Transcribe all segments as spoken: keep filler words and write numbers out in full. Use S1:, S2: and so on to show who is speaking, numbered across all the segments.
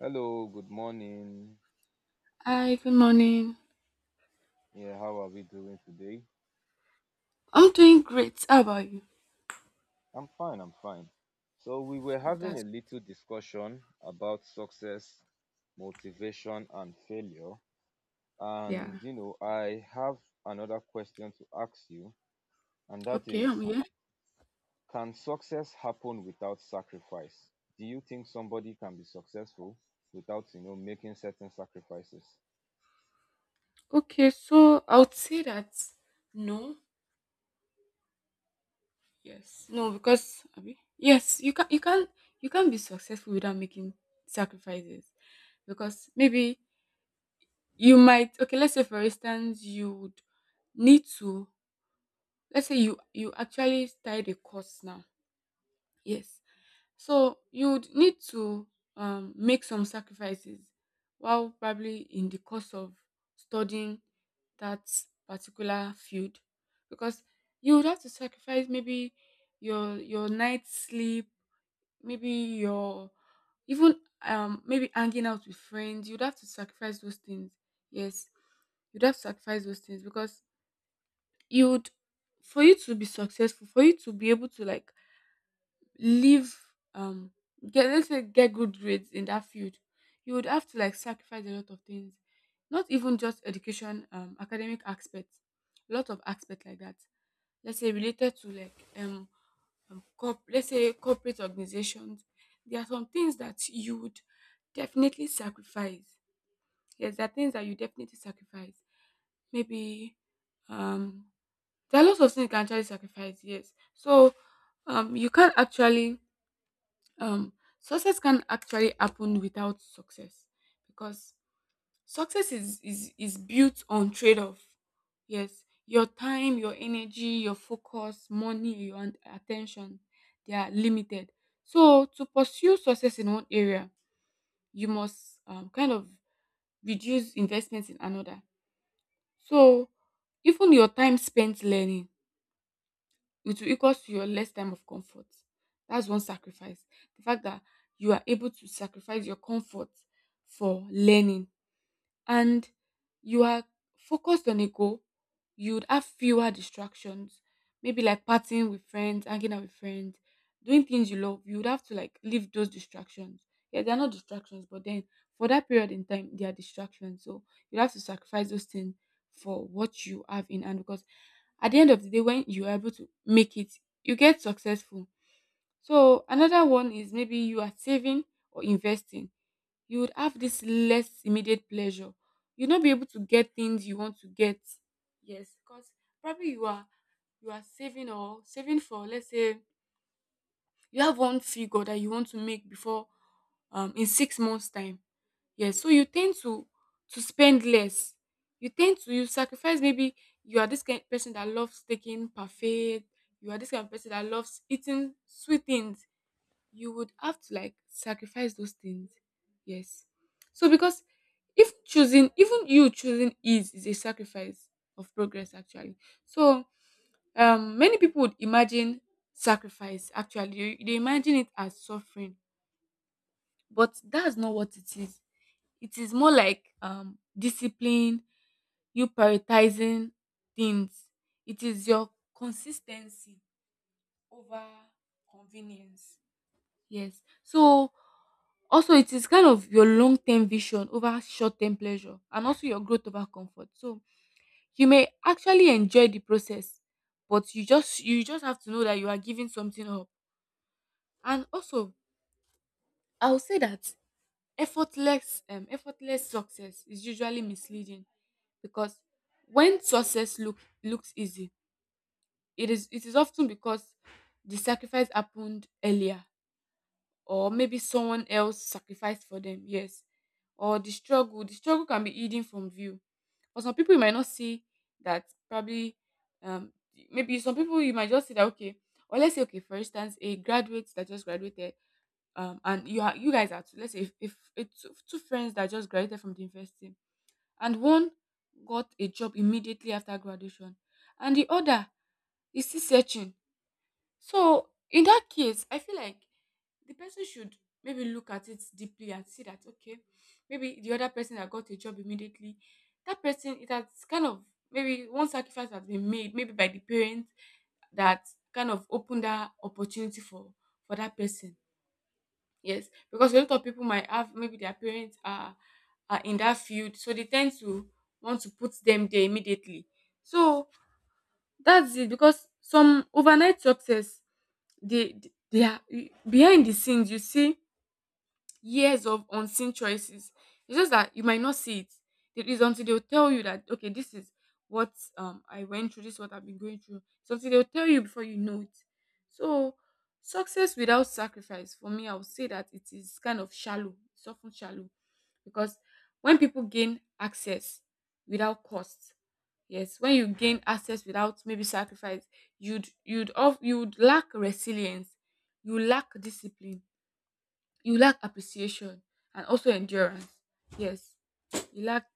S1: Hello, good morning.
S2: Hi, good morning.
S1: Yeah, how are we doing today?
S2: I'm doing great. How about you?
S1: I'm fine, I'm fine. So, we were
S2: Oh,
S1: having
S2: that's
S1: a little discussion about success, motivation, and failure.
S2: yeah.
S1: And, you know, I have another question to ask you, and that
S2: Okay, I'm
S1: is
S2: here.
S1: can success happen without sacrifice? Do you think somebody can be successful without, you know, making certain sacrifices?
S2: Okay, so I would say that no, yes, no, because abi, yes, you can, you can, you can not be successful without making sacrifices, because maybe you might. Okay, let's say for instance, you would need to. Let's say you you actually started a course now. Yes, so you would need to um, make some sacrifices while probably in the course of studying that particular field, because you would have to sacrifice maybe your your night sleep, maybe your even um maybe hanging out with friends. You'd have to sacrifice those things. Yes, you'd have to sacrifice those things because you would for you to be successful, for you to be able to like leave um get, let's say get good grades in that field, you would have to like sacrifice a lot of things, not even just education, um academic aspects, a lot of aspects like that, let's say related to like um, um corp- let's say corporate organizations, there are some things that you would definitely sacrifice. Yes, there are things that you definitely sacrifice, maybe um there are lots of things you can actually sacrifice. Yes, so um you can't actually um success can actually happen without success, because success is is, is built on trade-off. Yes, your time, your energy, your focus, money, your an- attention, they are limited. So to pursue success in one area, you must um, kind of reduce investments in another. So even your time spent learning, it will equal to your less time of comfort. That's one sacrifice. The fact that you are able to sacrifice your comfort for learning, and you are focused on a goal, you would have fewer distractions. Maybe like partying with friends, hanging out with friends, doing things you love. You would have to like leave those distractions. Yeah, they're not distractions, but then for that period in time, they are distractions. So you have to sacrifice those things for what you have in hand because at the end of the day, when you are able to make it, you get successful. So another one is maybe you are saving or investing, you would have this less immediate pleasure. You'll not be able to get things you want to get. Yes, because probably you are you are saving or saving for, let's say you have one figure that you want to make before um in six months time. Yes, so you tend to to spend less. You tend to you sacrifice maybe you are this kind of person that loves taking parfait. You are this kind of person that loves eating sweet things, you would have to like sacrifice those things. Yes. So because if choosing, even you choosing ease is a sacrifice of progress actually. So um many people would imagine sacrifice, actually they they imagine it as suffering, but that's not what it is. It is more like um discipline, you prioritizing things, it is your consistency over convenience. Yes. So also it is kind of your long-term vision over short-term pleasure, and also your growth over comfort. So you may actually enjoy the process, but you just you just have to know that you are giving something up. And also, I'll say that effortless um effortless success is usually misleading, because when success look looks easy, it is it is often because the sacrifice happened earlier, or maybe someone else sacrificed for them. Yes, or the struggle the struggle can be hidden from view. For some people you might not see that, probably um maybe some people you might just see that, okay, or let's say okay, for instance, a graduate that just graduated, um and you are you guys are two. Let's say if, if, it's two, two friends that just graduated from the university, and one got a job immediately after graduation, and the other is still searching. So in that case, I feel like the person should maybe look at it deeply and see that, okay, maybe the other person that got a job immediately, that person it has kind of maybe one sacrifice has been made, maybe by the parents, that kind of opened that opportunity for for that person. Yes, because a lot of people might have maybe their parents are are in that field, so they tend to want to put them there immediately. So that's it, because some overnight success, they they are behind the scenes. You see years of unseen choices, it's just that you might not see it. It is until they'll tell you that, okay, this is what um I went through, this is what I've been going through. It's until they'll tell you before you know it. So success without sacrifice, for me, I would say that it is kind of shallow, it's often shallow, because when people gain access without cost. Yes, when you gain access without maybe sacrifice, you'd you'd off you'd lack resilience, you lack discipline, you lack appreciation, and also endurance. Yes, you lack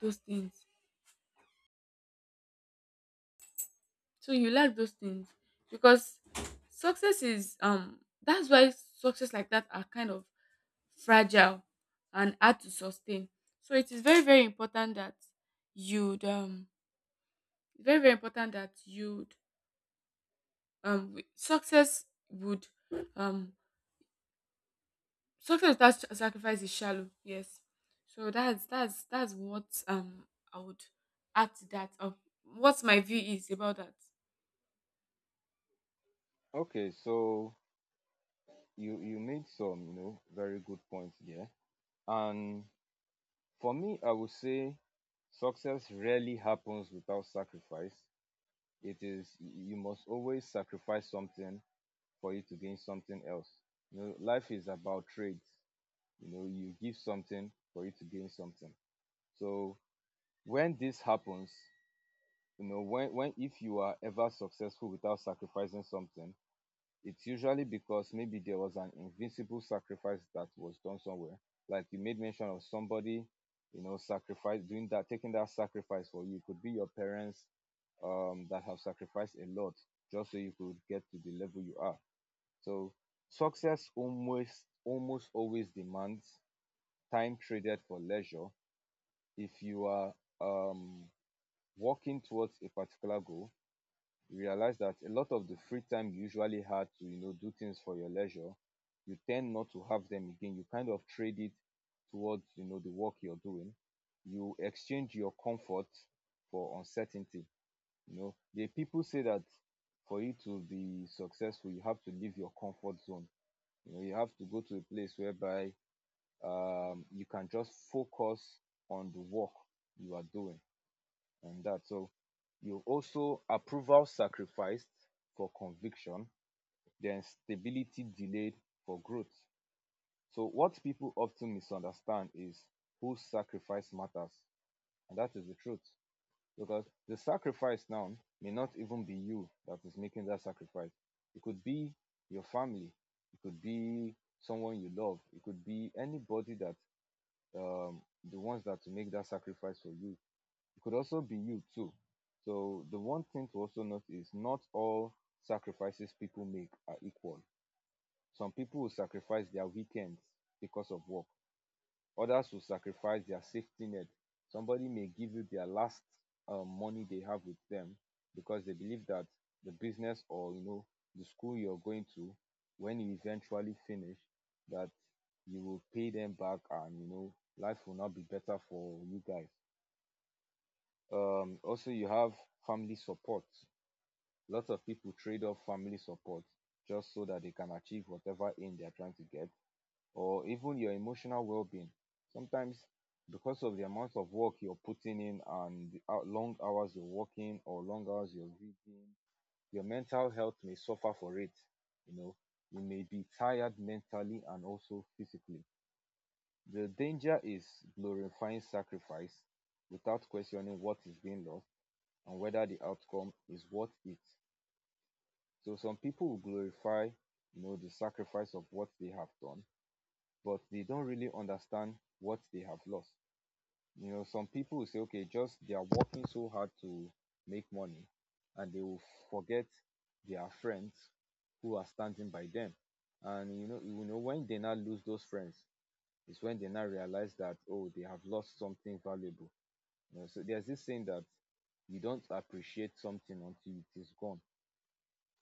S2: those things. So you lack those things, because success is um that's why success like that are kind of fragile and hard to sustain. So it is very very important that you'd um very very important that you'd um w- success would um success without sa- sacrifice is shallow. Yes, so that's that's that's what um I would add to that of what my view is about that.
S1: Okay, so you you made some, you know, very good points there. And for me, I would say success rarely happens without sacrifice. It is you must always sacrifice something for you to gain something else. You know, life is about trades. You know, you give something for you to gain something. So when this happens, you know, when when if you are ever successful without sacrificing something, it's usually because maybe there was an invincible sacrifice that was done somewhere. Like you made mention of somebody, you know, sacrifice doing that, taking that sacrifice for you. It could be your parents um, that have sacrificed a lot just so you could get to the level you are. So success almost almost always demands time traded for leisure. If you are um, working towards a particular goal, you realize that a lot of the free time you usually had to, you know, do things for your leisure, you tend not to have them again. You kind of trade it towards, you know, the work you're doing. You exchange your comfort for uncertainty. You know, the people say that for you to be successful you have to leave your comfort zone. You know, you have to go to a place whereby um you can just focus on the work you are doing and that. So you also approval sacrificed for conviction, then stability delayed for growth. So what people often misunderstand is whose sacrifice matters, and that is the truth. Because the sacrifice now may not even be you that is making that sacrifice. It could be your family, it could be someone you love, it could be anybody that um, the ones that make that sacrifice for you. It could also be you too. So the one thing to also note is not all sacrifices people make are equal. Some people will sacrifice their weekends because of work, others will sacrifice their safety net. Somebody may give you their last um, money they have with them because they believe that the business, or you know, the school you're going to, when you eventually finish that, you will pay them back and, you know, life will not be better for you guys. Um also, you have family support. Lots of people trade off family support just so that they can achieve whatever aim they are trying to get, or even your emotional well-being. Sometimes because of the amount of work you're putting in and the hou- long hours you're working, or long hours you're reading, your mental health may suffer for it. You know, you may be tired mentally and also physically. The danger is glorifying sacrifice without questioning what is being lost and whether the outcome is worth it. So some people will glorify, you know, the sacrifice of what they have done, but they don't really understand what they have lost. You know, some people will say, okay, just they are working so hard to make money, and they will forget their friends who are standing by them. And, you know, you know, when they now lose those friends, it's when they now realize that, oh, they have lost something valuable. You know, so there's this saying that you don't appreciate something until it is gone.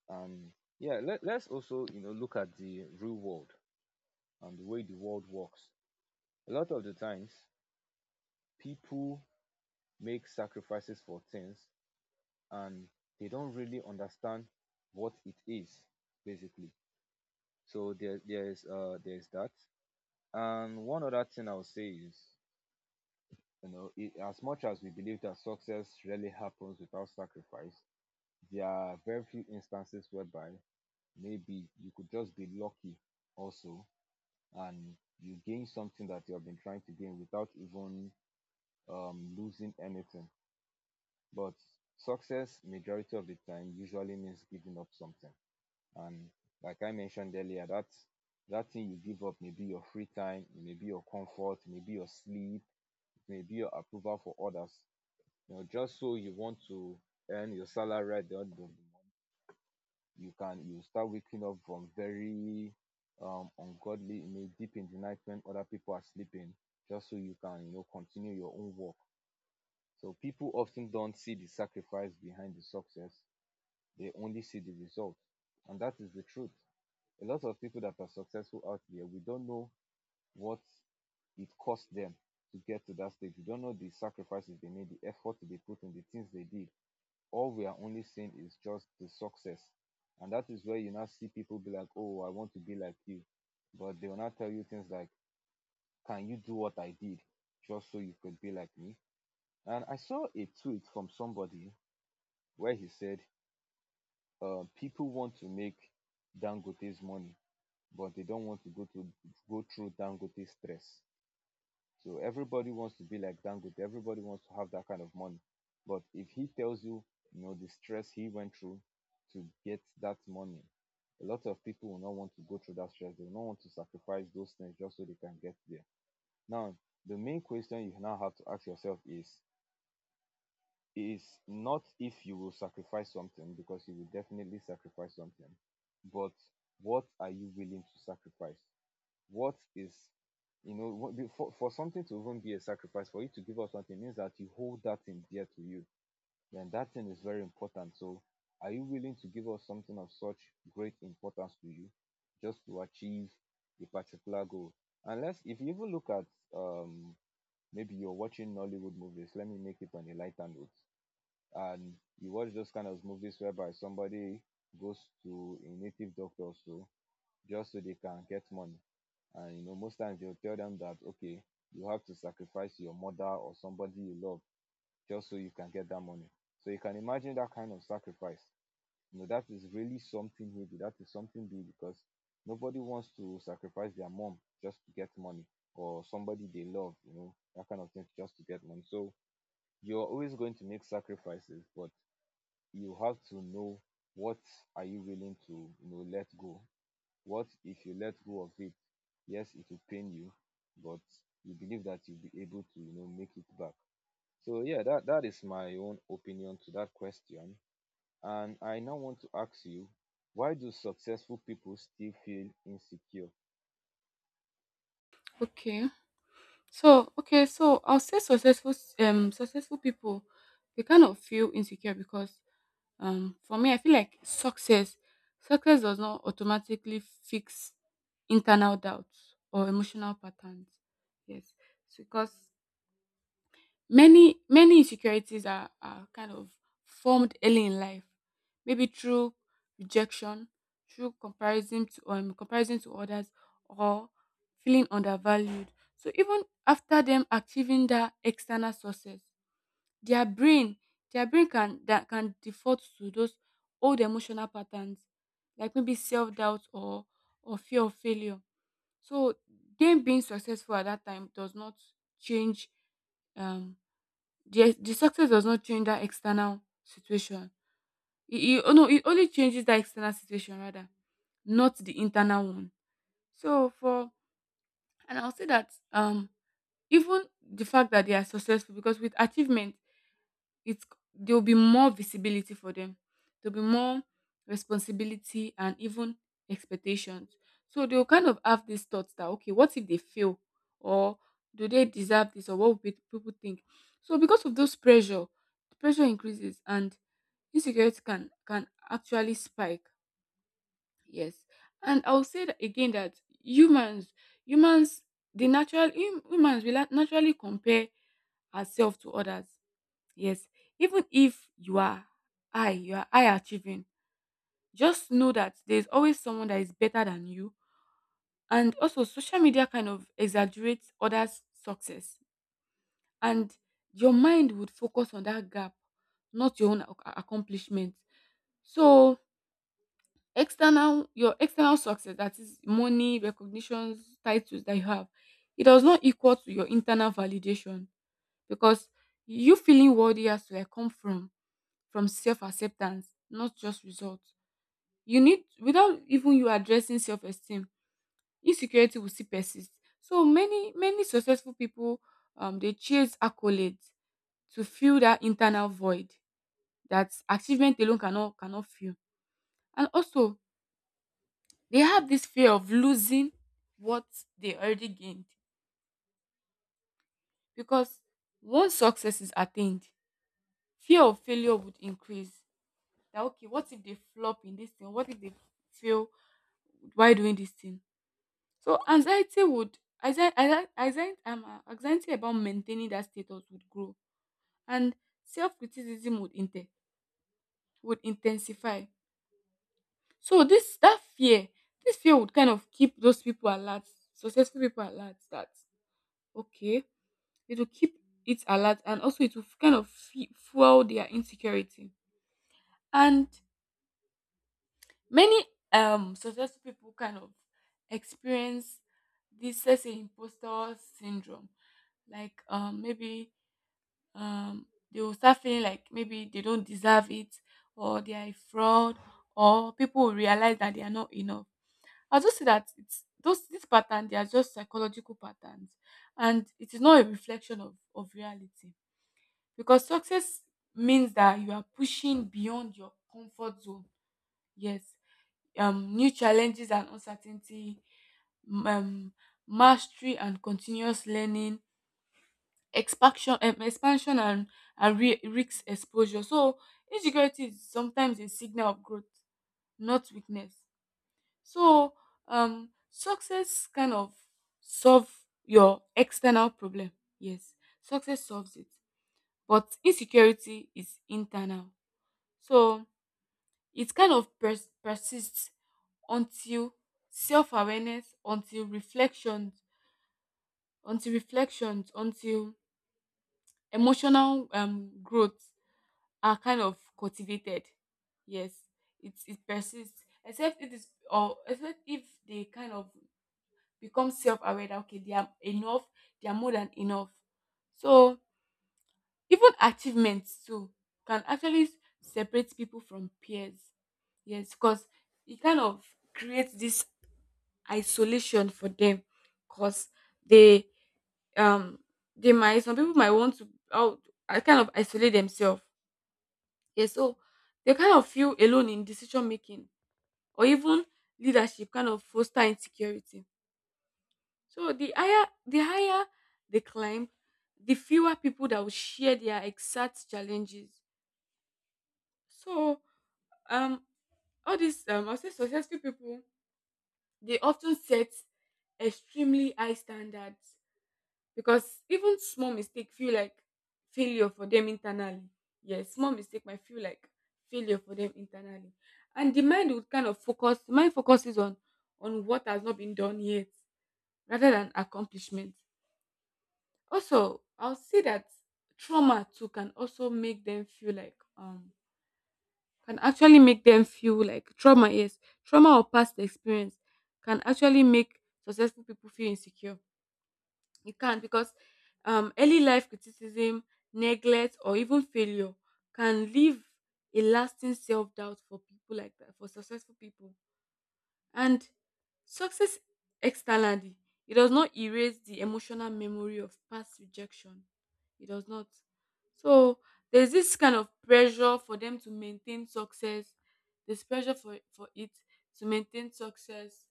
S1: And yeah, let, let's also, you know, look at the real world and the way the world works. A lot of the times, people make sacrifices for things, and they don't really understand what it is basically. So there there's uh there's that. And one other thing I'll say is, you know it, as much as we believe that success rarely happens without sacrifice, there are very few instances whereby maybe you could just be lucky also, and you gain something that you have been trying to gain without even um, losing anything. But success, majority of the time, usually means giving up something. And like I mentioned earlier, that that thing you give up may be your free time, it may be your comfort, it may be your sleep, it may be your approval for others. You know, just so you want to earn your salary at the end of, you can, you start waking up from very um ungodly, in a deep in the night when other people are sleeping, just so you can, you know, continue your own work. So people often don't see the sacrifice behind the success, they only see the result. And that is the truth. A lot of people that are successful out there, we don't know what it cost them to get to that stage. We don't know the sacrifices they made, the effort they put in, the things they did. All we are only seeing is just the success. And that is where you now see people be like, oh, I want to be like you. But they will not tell you things like, can you do what I did just so you could be like me? And I saw a tweet from somebody where he said, uh, people want to make Dangote's money, but they don't want to go to go through Dangote's stress. So everybody wants to be like Dangote. Everybody wants to have that kind of money. But if he tells you, you know, the stress he went through to get that money, a lot of people will not want to go through that stress. They will not want to sacrifice those things just so they can get there. Now, the main question you now have to ask yourself is is not if you will sacrifice something, because you will definitely sacrifice something, but what are you willing to sacrifice? What is, you know, what for, for something to even be a sacrifice, for you to give up something means that you hold that thing dear to you, and that thing is very important. So are you willing to give up something of such great importance to you just to achieve a particular goal? Unless if you even look at, um maybe you're watching Nollywood movies, let me make it on a lighter note, and you watch those kind of movies whereby somebody goes to a native doctor or so just so they can get money. And you know, most times they'll tell them that, okay, you have to sacrifice your mother or somebody you love just so you can get that money. So you can imagine that kind of sacrifice. You know, that is really something heavy. That is something big because nobody wants to sacrifice their mom just to get money, or somebody they love, you know, that kind of thing just to get money. So you're always going to make sacrifices, but you have to know what are you willing to, you know, let go. What if you let go of it? Yes, it will pain you, but you believe that you'll be able to, you know, make it back. So yeah, that that is my own opinion to that question. And I now want to ask you, why do successful people still feel insecure?
S2: Okay. So okay, so I'll say successful um successful people, they kind of feel insecure because um for me I feel like success success does not automatically fix internal doubts or emotional patterns. Yes. Because Many many insecurities are are kind of formed early in life, maybe through rejection, through comparison to um comparison to others, or feeling undervalued. So even after them achieving that external success, their brain their brain can, that can default to those old emotional patterns, like maybe self doubt or or fear of failure. So them being successful at that time does not change um the the success does not change that external situation. It, it, oh no, it only changes that external situation rather, not the internal one. So for and I'll say that um even the fact that they are successful, because with achievement, it's there will be more visibility for them. There'll be more responsibility and even expectations. So they'll kind of have these thoughts that, okay, what if they fail? Or do they deserve this? Or what will pe- people think? So because of those pressure, the pressure increases and insecurity can can actually spike. Yes. And I'll say that again that humans humans the natural hum- humans will nat- naturally compare ourselves to others. Yes, even if you are high, you are high achieving, just know that there's always someone that is better than you. And also, social media kind of exaggerates others' success, and your mind would focus on that gap, not your own ac- accomplishment. So, external your external success, that is money, recognitions, titles that you have, it does not equal to your internal validation, because you feeling worthy has to like come from from self acceptance, not just results. You need, without even you addressing self esteem, insecurity will still persist. So many many successful people um they chase accolades to fill that internal void that achievement alone cannot cannot fill. And also they have this fear of losing what they already gained, because once success is attained, fear of failure would increase. That, okay, what if they flop in this thing? What if they fail while doing this thing? So anxiety would anxi- anxi- anxi- um, uh, anxiety about maintaining that status would grow and self-criticism would inten- would intensify. So this that fear, this fear would kind of keep those people alert, successful people alert that, okay, it will keep it alert, and also it will kind of fe- fuel their insecurity. And many um successful people kind of experience this, let's say imposter syndrome, like um maybe um they will start feeling like maybe they don't deserve it, or they are a fraud, or people will realize that they are not enough. I just see that it's those this pattern, they are just psychological patterns, and it is not a reflection of of reality, because success means that you are pushing beyond your comfort zone. Yes, um new challenges and uncertainty, m- um mastery and continuous learning, expansion um, expansion and and re- risk exposure. So insecurity is sometimes a signal of growth, not weakness. So um success kind of solve your external problem. Yes, success solves it, but insecurity is internal. So it kind of pers- persists until self-awareness, until reflections until reflections, until emotional um growth are kind of cultivated. Yes, it it persists. Except it is, or except if they kind of become self-aware that okay, they are enough, they are more than enough. So even achievements too can actually separate people from peers. Yes, because it kind of creates this isolation for them. Because they um they might, some people might want to out, I kind of isolate themselves. Yeah, so they kind of feel alone in decision making, or even leadership kind of foster insecurity. So the higher the higher they climb, the fewer people that will share their exact challenges. So um all these um I'll say successful people, they often set extremely high standards because even small mistake feel like failure for them internally. Yes, small mistake might feel like failure for them internally, and the mind would kind of focus mind focuses on on what has not been done yet rather than accomplishment. Also, I'll say that trauma too can also make them feel like um can actually make them feel like trauma. Yes, trauma or past experience can actually make successful people feel insecure. You can't because um, early life criticism, neglect, or even failure can leave a lasting self doubt for people like that, for successful people. And success externally, it does not erase the emotional memory of past rejection. It does not. So there's this kind of pressure for them to maintain success. There's pressure for, for it to maintain success,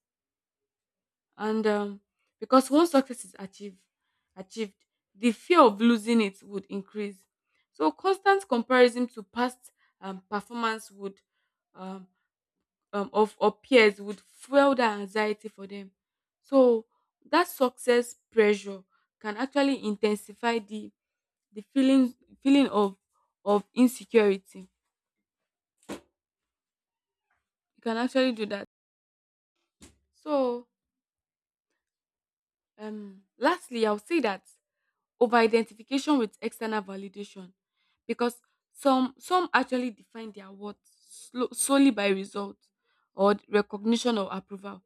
S2: and um, because once success is achieved achieved the fear of losing it would increase. So constant comparison to past um, performance would um, um, of or peers would fuel that anxiety for them. So that success pressure can actually intensify the the feeling feeling of of insecurity. You can actually do that. So um lastly, I'll say that over identification with external validation, because some some actually define their worth slo- solely by results or recognition or approval.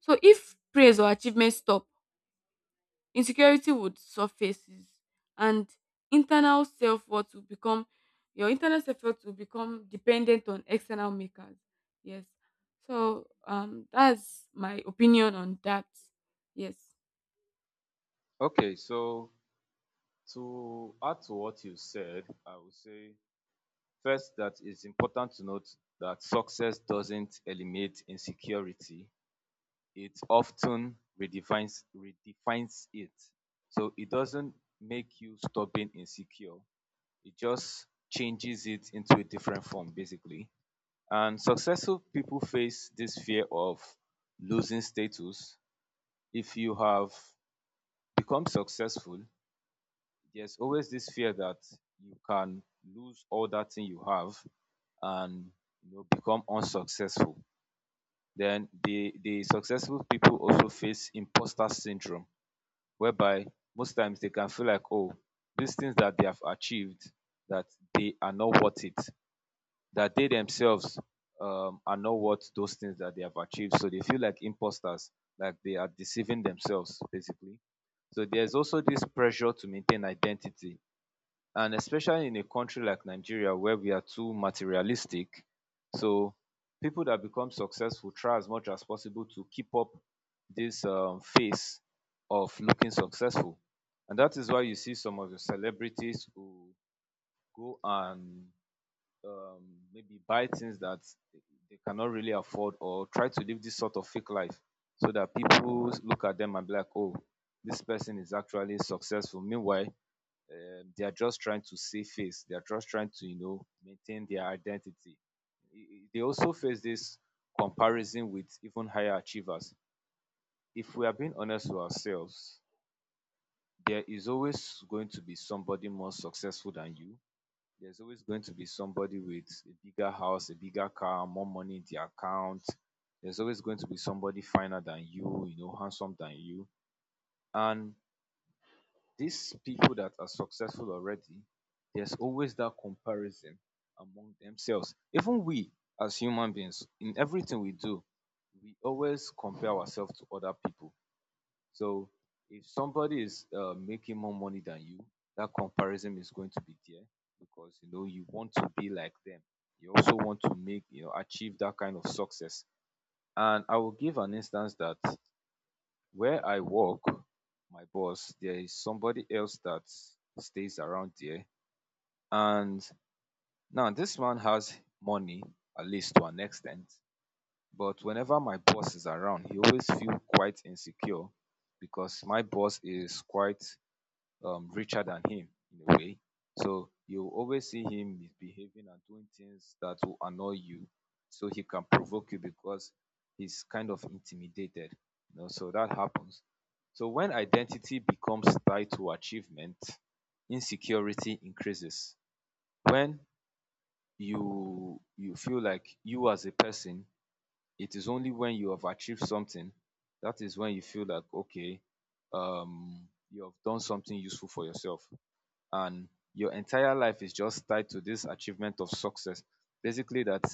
S2: So if praise or achievement stop, insecurity would surfaces and internal self-worth will become your internal self-worth will become dependent on external makers. Yes, so um that's my opinion on that. Yes.
S1: Okay, so to add to what you said, I would say first that it's important to note that success doesn't eliminate insecurity. It often redefines redefines it. So it doesn't make you stubborn, insecure. It just changes it into a different form, basically. And successful people face this fear of losing status. If you have become successful, there's always this fear that you can lose all that thing you have and, you know, become unsuccessful. Then the the successful people also face imposter syndrome whereby most times they can feel like, oh, these things that they have achieved, that they are not worth it, that they themselves um, are not worth those things that they have achieved. So they feel like imposters, like they are deceiving themselves, basically. So there's also this pressure to maintain identity, and especially in a country like Nigeria where we are too materialistic. So people that become successful try as much as possible to keep up this um, phase of looking successful. And that is why you see some of the celebrities who go and, um, maybe buy things that they cannot really afford, or try to live this sort of fake life so that people look at them and be like, oh, this person is actually successful. Meanwhile, um, they are just trying to save face. They are just trying to, you know, maintain their identity. They also face this comparison with even higher achievers. If we are being honest with ourselves, there is always going to be somebody more successful than you. There's always going to be somebody with a bigger house, a bigger car, more money in their account. There's always going to be somebody finer than you, you know, handsome than you. And these people that are successful already, there's always that comparison among themselves. Even we as human beings, in everything we do, we always compare ourselves to other people. So if somebody is uh, making more money than you, that comparison is going to be there because you know you want to be like them. You also want to make, you know, achieve that kind of success. And I will give an instance that where i work, my boss, there is somebody else that stays around there, and now this man has money, at least to an extent, but whenever my boss is around he always feels quite insecure because my boss is quite um richer than him in a way. So you always see him misbehaving and doing things that will annoy you, so he can provoke you because he's kind of intimidated. You know, so that happens. So when identity becomes tied to achievement, insecurity increases. When you you feel like you as a person, it is only when you have achieved something, that is when you feel like okay, um, you have done something useful for yourself, and your entire life is just tied to this achievement of success. Basically, that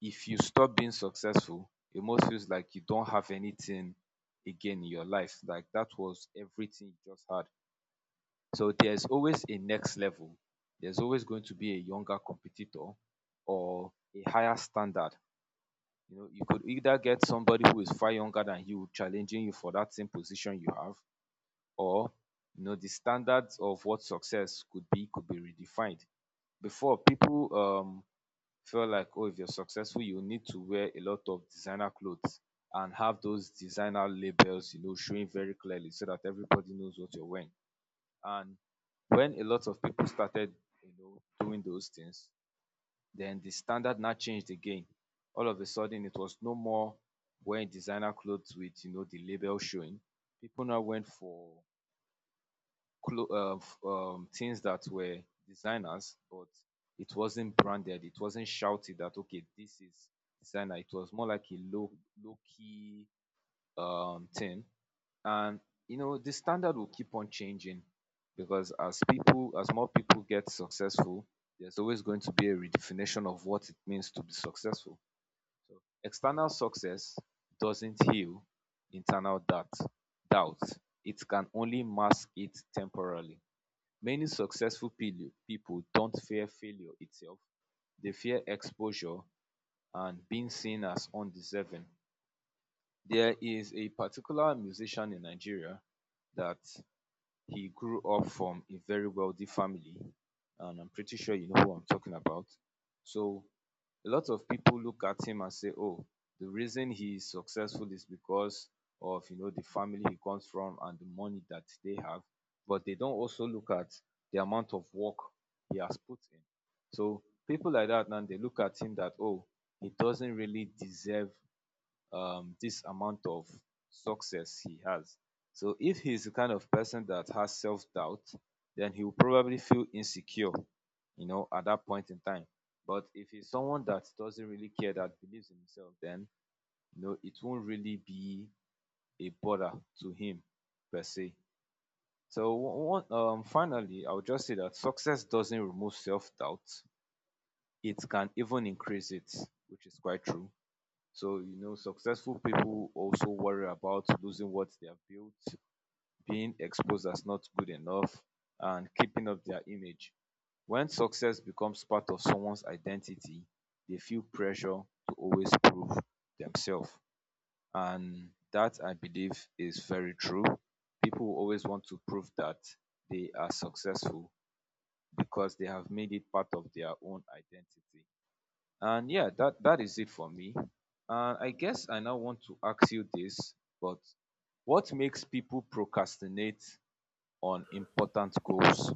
S1: if you stop being successful, it almost feels like you don't have anything again in your life. Like that was everything you just had. So there's always a next level. There's always going to be a younger competitor or a higher standard. You know, you could either get somebody who is far younger than you challenging you for that same position you have, or, you know, the standards of what success could be could be redefined. Before, people um felt like, oh, if you're successful you need to wear a lot of designer clothes and have those designer labels, you know, showing very clearly so that everybody knows what you're wearing. And when a lot of people started, you know, doing those things, then the standard now changed again. All of a sudden it was no more wearing designer clothes with, you know, the label showing. People now went for clo- uh, f- um, things that were designers, but it wasn't branded. It wasn't shouted that, okay, this is designer. It was more like a low low key um, thing, and you know the standard will keep on changing because as people as more people get successful, there's always going to be a redefinition of what it means to be successful. So external success doesn't heal internal doubt. Doubt, it can only mask it temporarily. Many successful pil- people don't fear failure itself, they fear exposure and being seen as undeserving. There is a particular musician in Nigeria that he grew up from a very wealthy family, and I'm pretty sure you know who I'm talking about. So a lot of people look at him and say, "Oh, the reason he is successful is because of, you know, the family he comes from and the money that they have," but they don't also look at the amount of work he has put in. So people like that, now they look at him that, oh, he doesn't really deserve um, this amount of success he has. So if he's the kind of person that has self-doubt, then he will probably feel insecure, you know, at that point in time. But if he's someone that doesn't really care, that believes in himself, then, you know, it won't really be a bother to him per se. So one, um, finally, I would just say that success doesn't remove self-doubt; it can even increase it, which is quite true. So, you know, successful people also worry about losing what they have built, being exposed as not good enough, and keeping up their image. When success becomes part of someone's identity, they feel pressure to always prove themselves. And that, I believe, is very true. People always want to prove that they are successful because they have made it part of their own identity, and yeah, that that is it for me. And I guess I now want to ask you this, but what makes people procrastinate on important goals?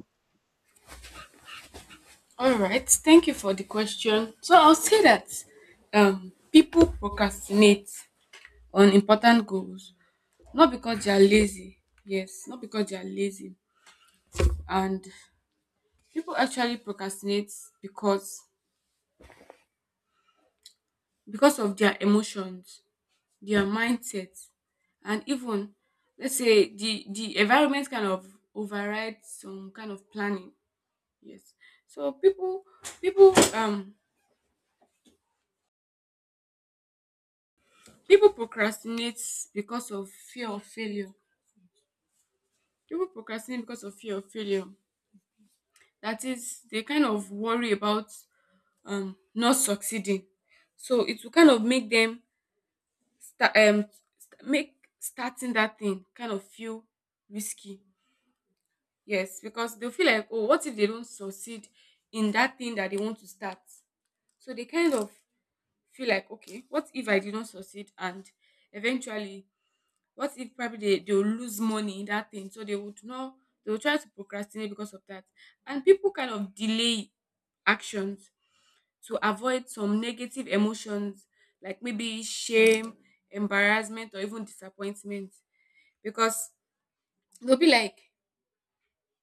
S2: All right, thank you for the question. So I'll say that um, people procrastinate on important goals, not because they are lazy. Yes, not because they are lazy, and people actually procrastinate because because of their emotions, their mindset, and even let's say the the environment kind of overrides some kind of planning. Yes, so people people um people procrastinate because of fear of failure. People procrastinate because of fear of failure. That is, they kind of worry about um not succeeding. So it will kind of make them start um st- make starting that thing kind of feel risky. Yes, because they'll feel like, oh, what if they don't succeed in that thing that they want to start? So they kind of feel like, okay, what if I did not succeed and eventually what if probably they, they will lose money in that thing, so they would not, they will try to procrastinate because of that. And people kind of delay actions to avoid some negative emotions like maybe shame, embarrassment, or even disappointment, because they'll be like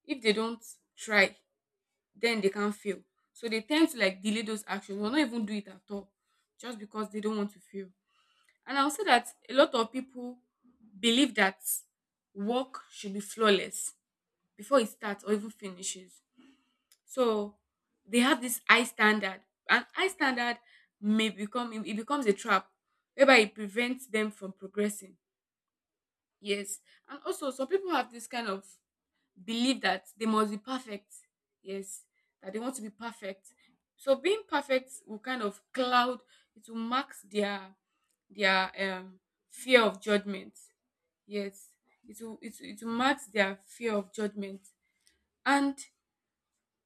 S2: if they don't try, then they can't fail. So they tend to like delay those actions or not even do it at all just because they don't want to fail. And I'll say that a lot of people believe that work should be flawless before it starts or even finishes. So they have this high standard. And high standard may become it becomes a trap whereby it prevents them from progressing. Yes. And also some people have this kind of belief that they must be perfect. Yes. That they want to be perfect. So being perfect will kind of cloud, it will mask their their um fear of judgment. Yes, it will it, will- it will mark their fear of judgment. And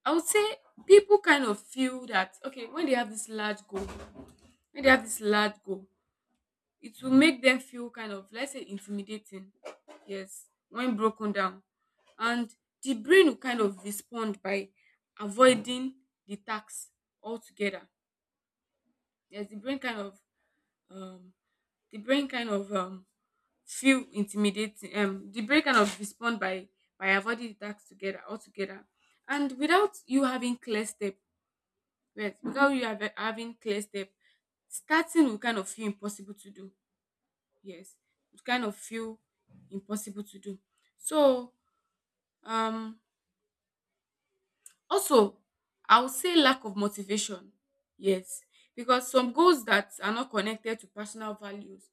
S2: I would say people kind of feel that okay, when they have this large goal when they have this large goal, it will make them feel kind of, let's say, intimidating. Yes, when broken down, and the brain will kind of respond by avoiding the tax altogether. Yes, the brain kind of um the brain kind of um feel intimidating, um the brain kind of respond by by avoiding the task together altogether. And without you having clear step, yes, without you have, having clear step, starting will kind of feel impossible to do. Yes, it kind of feel impossible to do. So um also, I would say lack of motivation. Yes, because some goals that are not connected to personal values,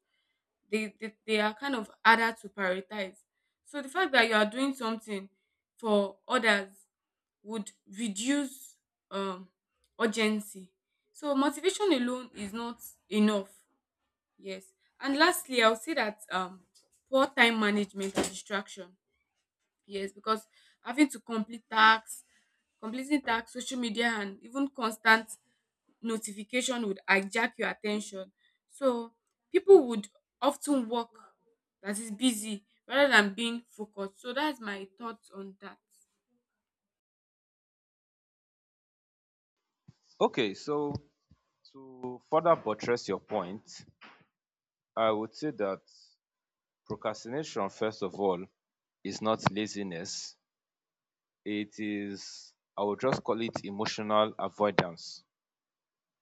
S2: they, they they are kind of harder to prioritize. So the fact that you are doing something for others would reduce um urgency. So motivation alone is not enough. Yes. And lastly, I'll say that um poor time management and distraction. Yes, because having to complete tasks completing tasks, social media, and even constant notification would hijack your attention. So people would often work that is busy rather than being focused. So that's my thoughts on that.
S1: Okay, so to further buttress your point, I would say that procrastination, first of all, is not laziness. It is, I would just call it, emotional avoidance.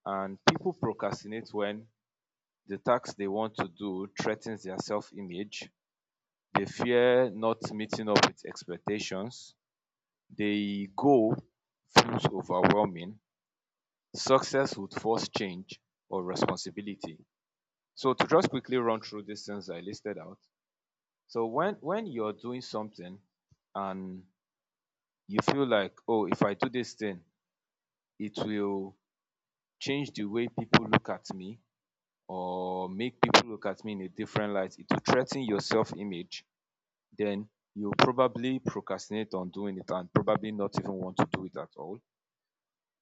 S1: And people procrastinate when the task they want to do threatens their self image. They fear not meeting up with expectations. The goal feels overwhelming. Success would force change or responsibility. So to just quickly run through these things I listed out. So when when you're doing something and you feel like, oh, if I do this thing, it will change the way people look at me or make people look at me in a different light, it will threaten your self-image, then you probably procrastinate on doing it and probably not even want to do it at all.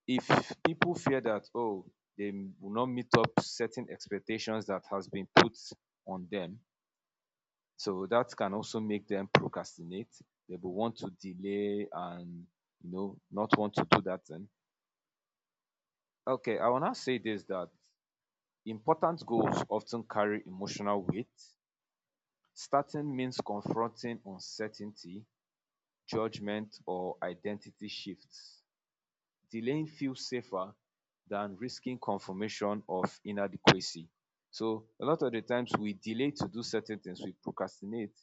S1: If people fear that, oh, they will not meet up certain expectations that has been put on them, so that can also make them procrastinate. They will want to delay and, you know, not want to do that thing. Okay, I wanna say this, that important goals often carry emotional weight. Starting means confronting uncertainty, judgment, or identity shifts. Delaying feels safer than risking confirmation of inadequacy. So a lot of the times we delay to do certain things, we procrastinate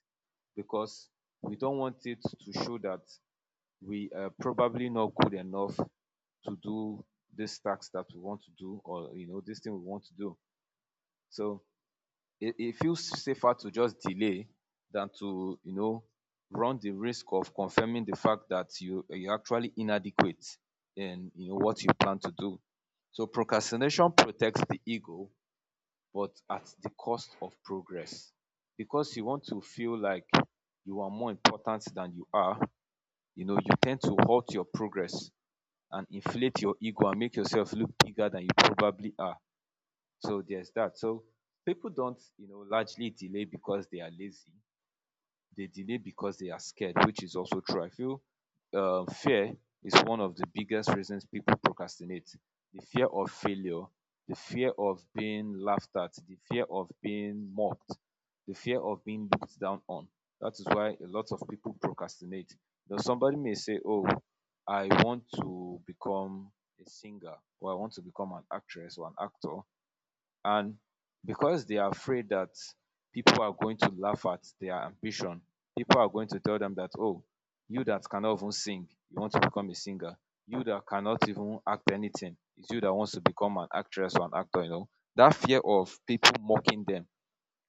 S1: because we don't want it to show that we are probably not good enough to do this task that we want to do, or, you know, this thing we want to do. So it, it feels safer to just delay than to, you know, run the risk of confirming the fact that you you're actually inadequate in, you know, what you plan to do. So procrastination protects the ego, but at the cost of progress, because you want to feel like you are more important than you are, you know, you tend to halt your progress and inflate your ego and make yourself look bigger than you probably are. So there's that. So people don't, you know, largely delay because they are lazy. They delay because they are scared, which is also true. I feel uh, fear is one of the biggest reasons people procrastinate. The fear of failure, the fear of being laughed at, the fear of being mocked, the fear of being looked down on. That is why a lot of people procrastinate. Now, somebody may say, "Oh, I want to become a singer, or I want to become an actress or an actor." And because they are afraid that people are going to laugh at their ambition, people are going to tell them that, oh, you that cannot even sing, you want to become a singer. You that cannot even act anything, it's you that wants to become an actress or an actor, you know. That fear of people mocking them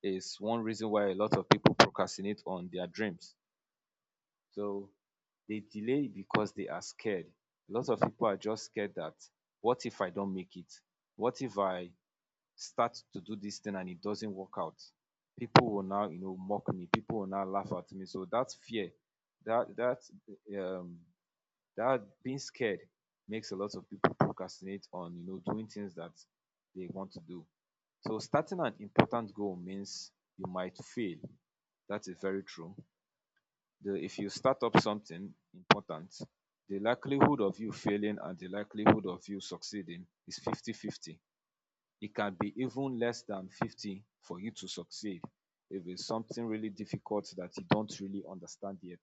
S1: is one reason why a lot of people procrastinate on their dreams. So they delay because they are scared. A lot of people are just scared that what if I don't make it? What if I start to do this thing and it doesn't work out, people will now, you know, mock me. People will now laugh at me. So that fear, that that um that being scared makes a lot of people procrastinate on, you know, doing things that they want to do. So starting an important goal means you might fail. That is very true. The, if you start up something important, the likelihood of you failing and the likelihood of you succeeding is fifty-fifty. It can be even less than fifty for you to succeed if it's something really difficult that you don't really understand yet.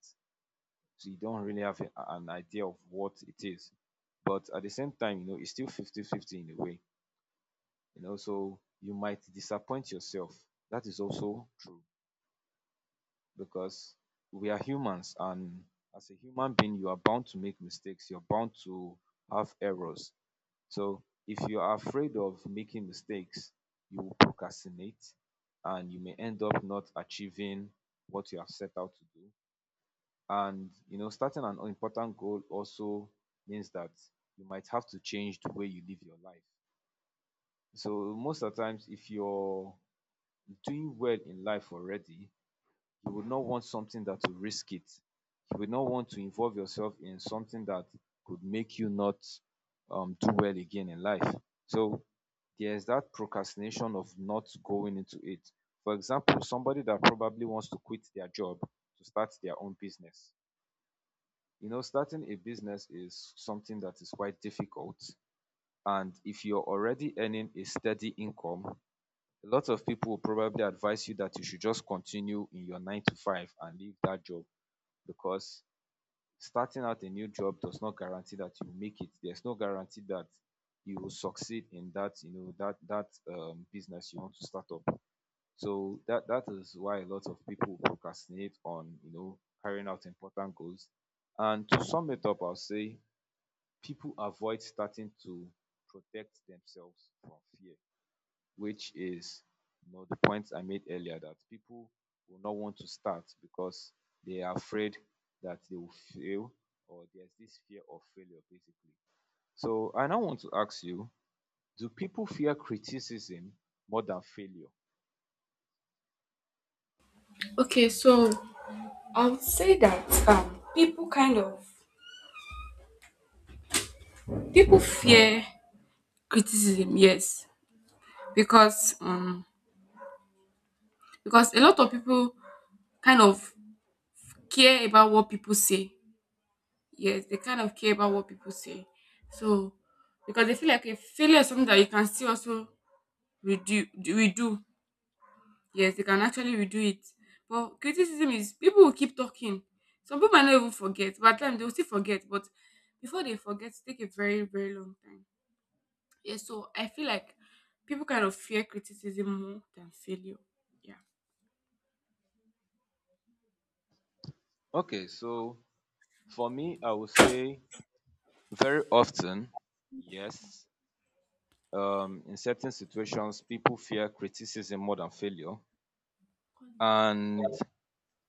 S1: So you don't really have a- an idea of what it is. But at the same time, you know, it's still fifty-fifty in a way. You know, so you might disappoint yourself. That is also true because we are humans, and as a human being, you are bound to make mistakes. You're bound to have errors. So if you are afraid of making mistakes, you will procrastinate and you may end up not achieving what you have set out to do. And you know, starting an important goal also means that you might have to change the way you live your life. So most of the times, if you're doing well in life already, you would not want something that will risk it. You would not want to involve yourself in something that could make you not um, do well again in life. So there's that procrastination of not going into it. For example, somebody that probably wants to quit their job to start their own business. You know, starting a business is something that is quite difficult. And if you're already earning a steady income, a lot of people will probably advise you that you should just continue in your nine to five and leave that job, because starting out a new job does not guarantee that you make it. There's no guarantee that you will succeed in that, you know, that that um, business you want to start up. So that that is why a lot of people procrastinate on, you know, carrying out important goals. And to sum it up, I'll say people avoid starting to protect themselves from fear, which is, you know, the point I made earlier, that people will not want to start because they are afraid that they will fail, or there's this fear of failure basically. So I now want to ask you, do people fear criticism more than failure?
S2: Okay, so I would say that um people kind of people fear criticism, yes, because um because a lot of people kind of care about what people say. Yes, they kind of care about what people say. So because they feel like a failure is something that you can still also redo redo Yes, they can actually redo it. But criticism is people will keep talking. Some people might not even forget, but at times they will still forget. But before they forget, it take a very, very long time. Yeah, so I feel like people kind of fear criticism more than failure. Yeah.
S1: Okay, so for me, I would say very often, yes. Um, in certain situations, people fear criticism more than failure. And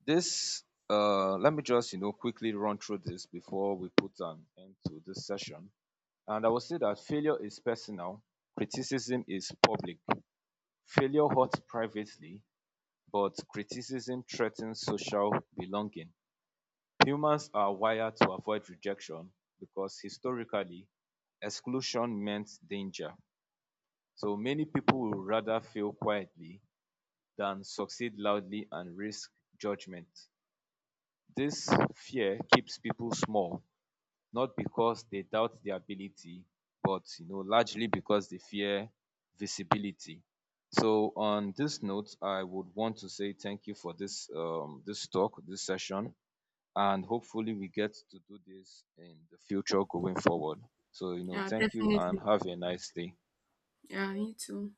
S1: this, uh, let me just, you know, quickly run through this before we put an end to this session. And I will say that failure is personal, criticism is public. Failure hurts privately, but criticism threatens social belonging. Humans are wired to avoid rejection because, historically, exclusion meant danger. So many people would rather fail quietly than succeed loudly and risk judgment. This fear keeps people small, not because they doubt their ability, but, you know, largely because they fear visibility. So on this note, I would want to say thank you for this um this talk, this session, and hopefully we get to do this in the future going forward. So, you know,
S2: Yeah,
S1: thank you
S2: definitely.
S1: and have a nice day.
S2: Yeah, me too.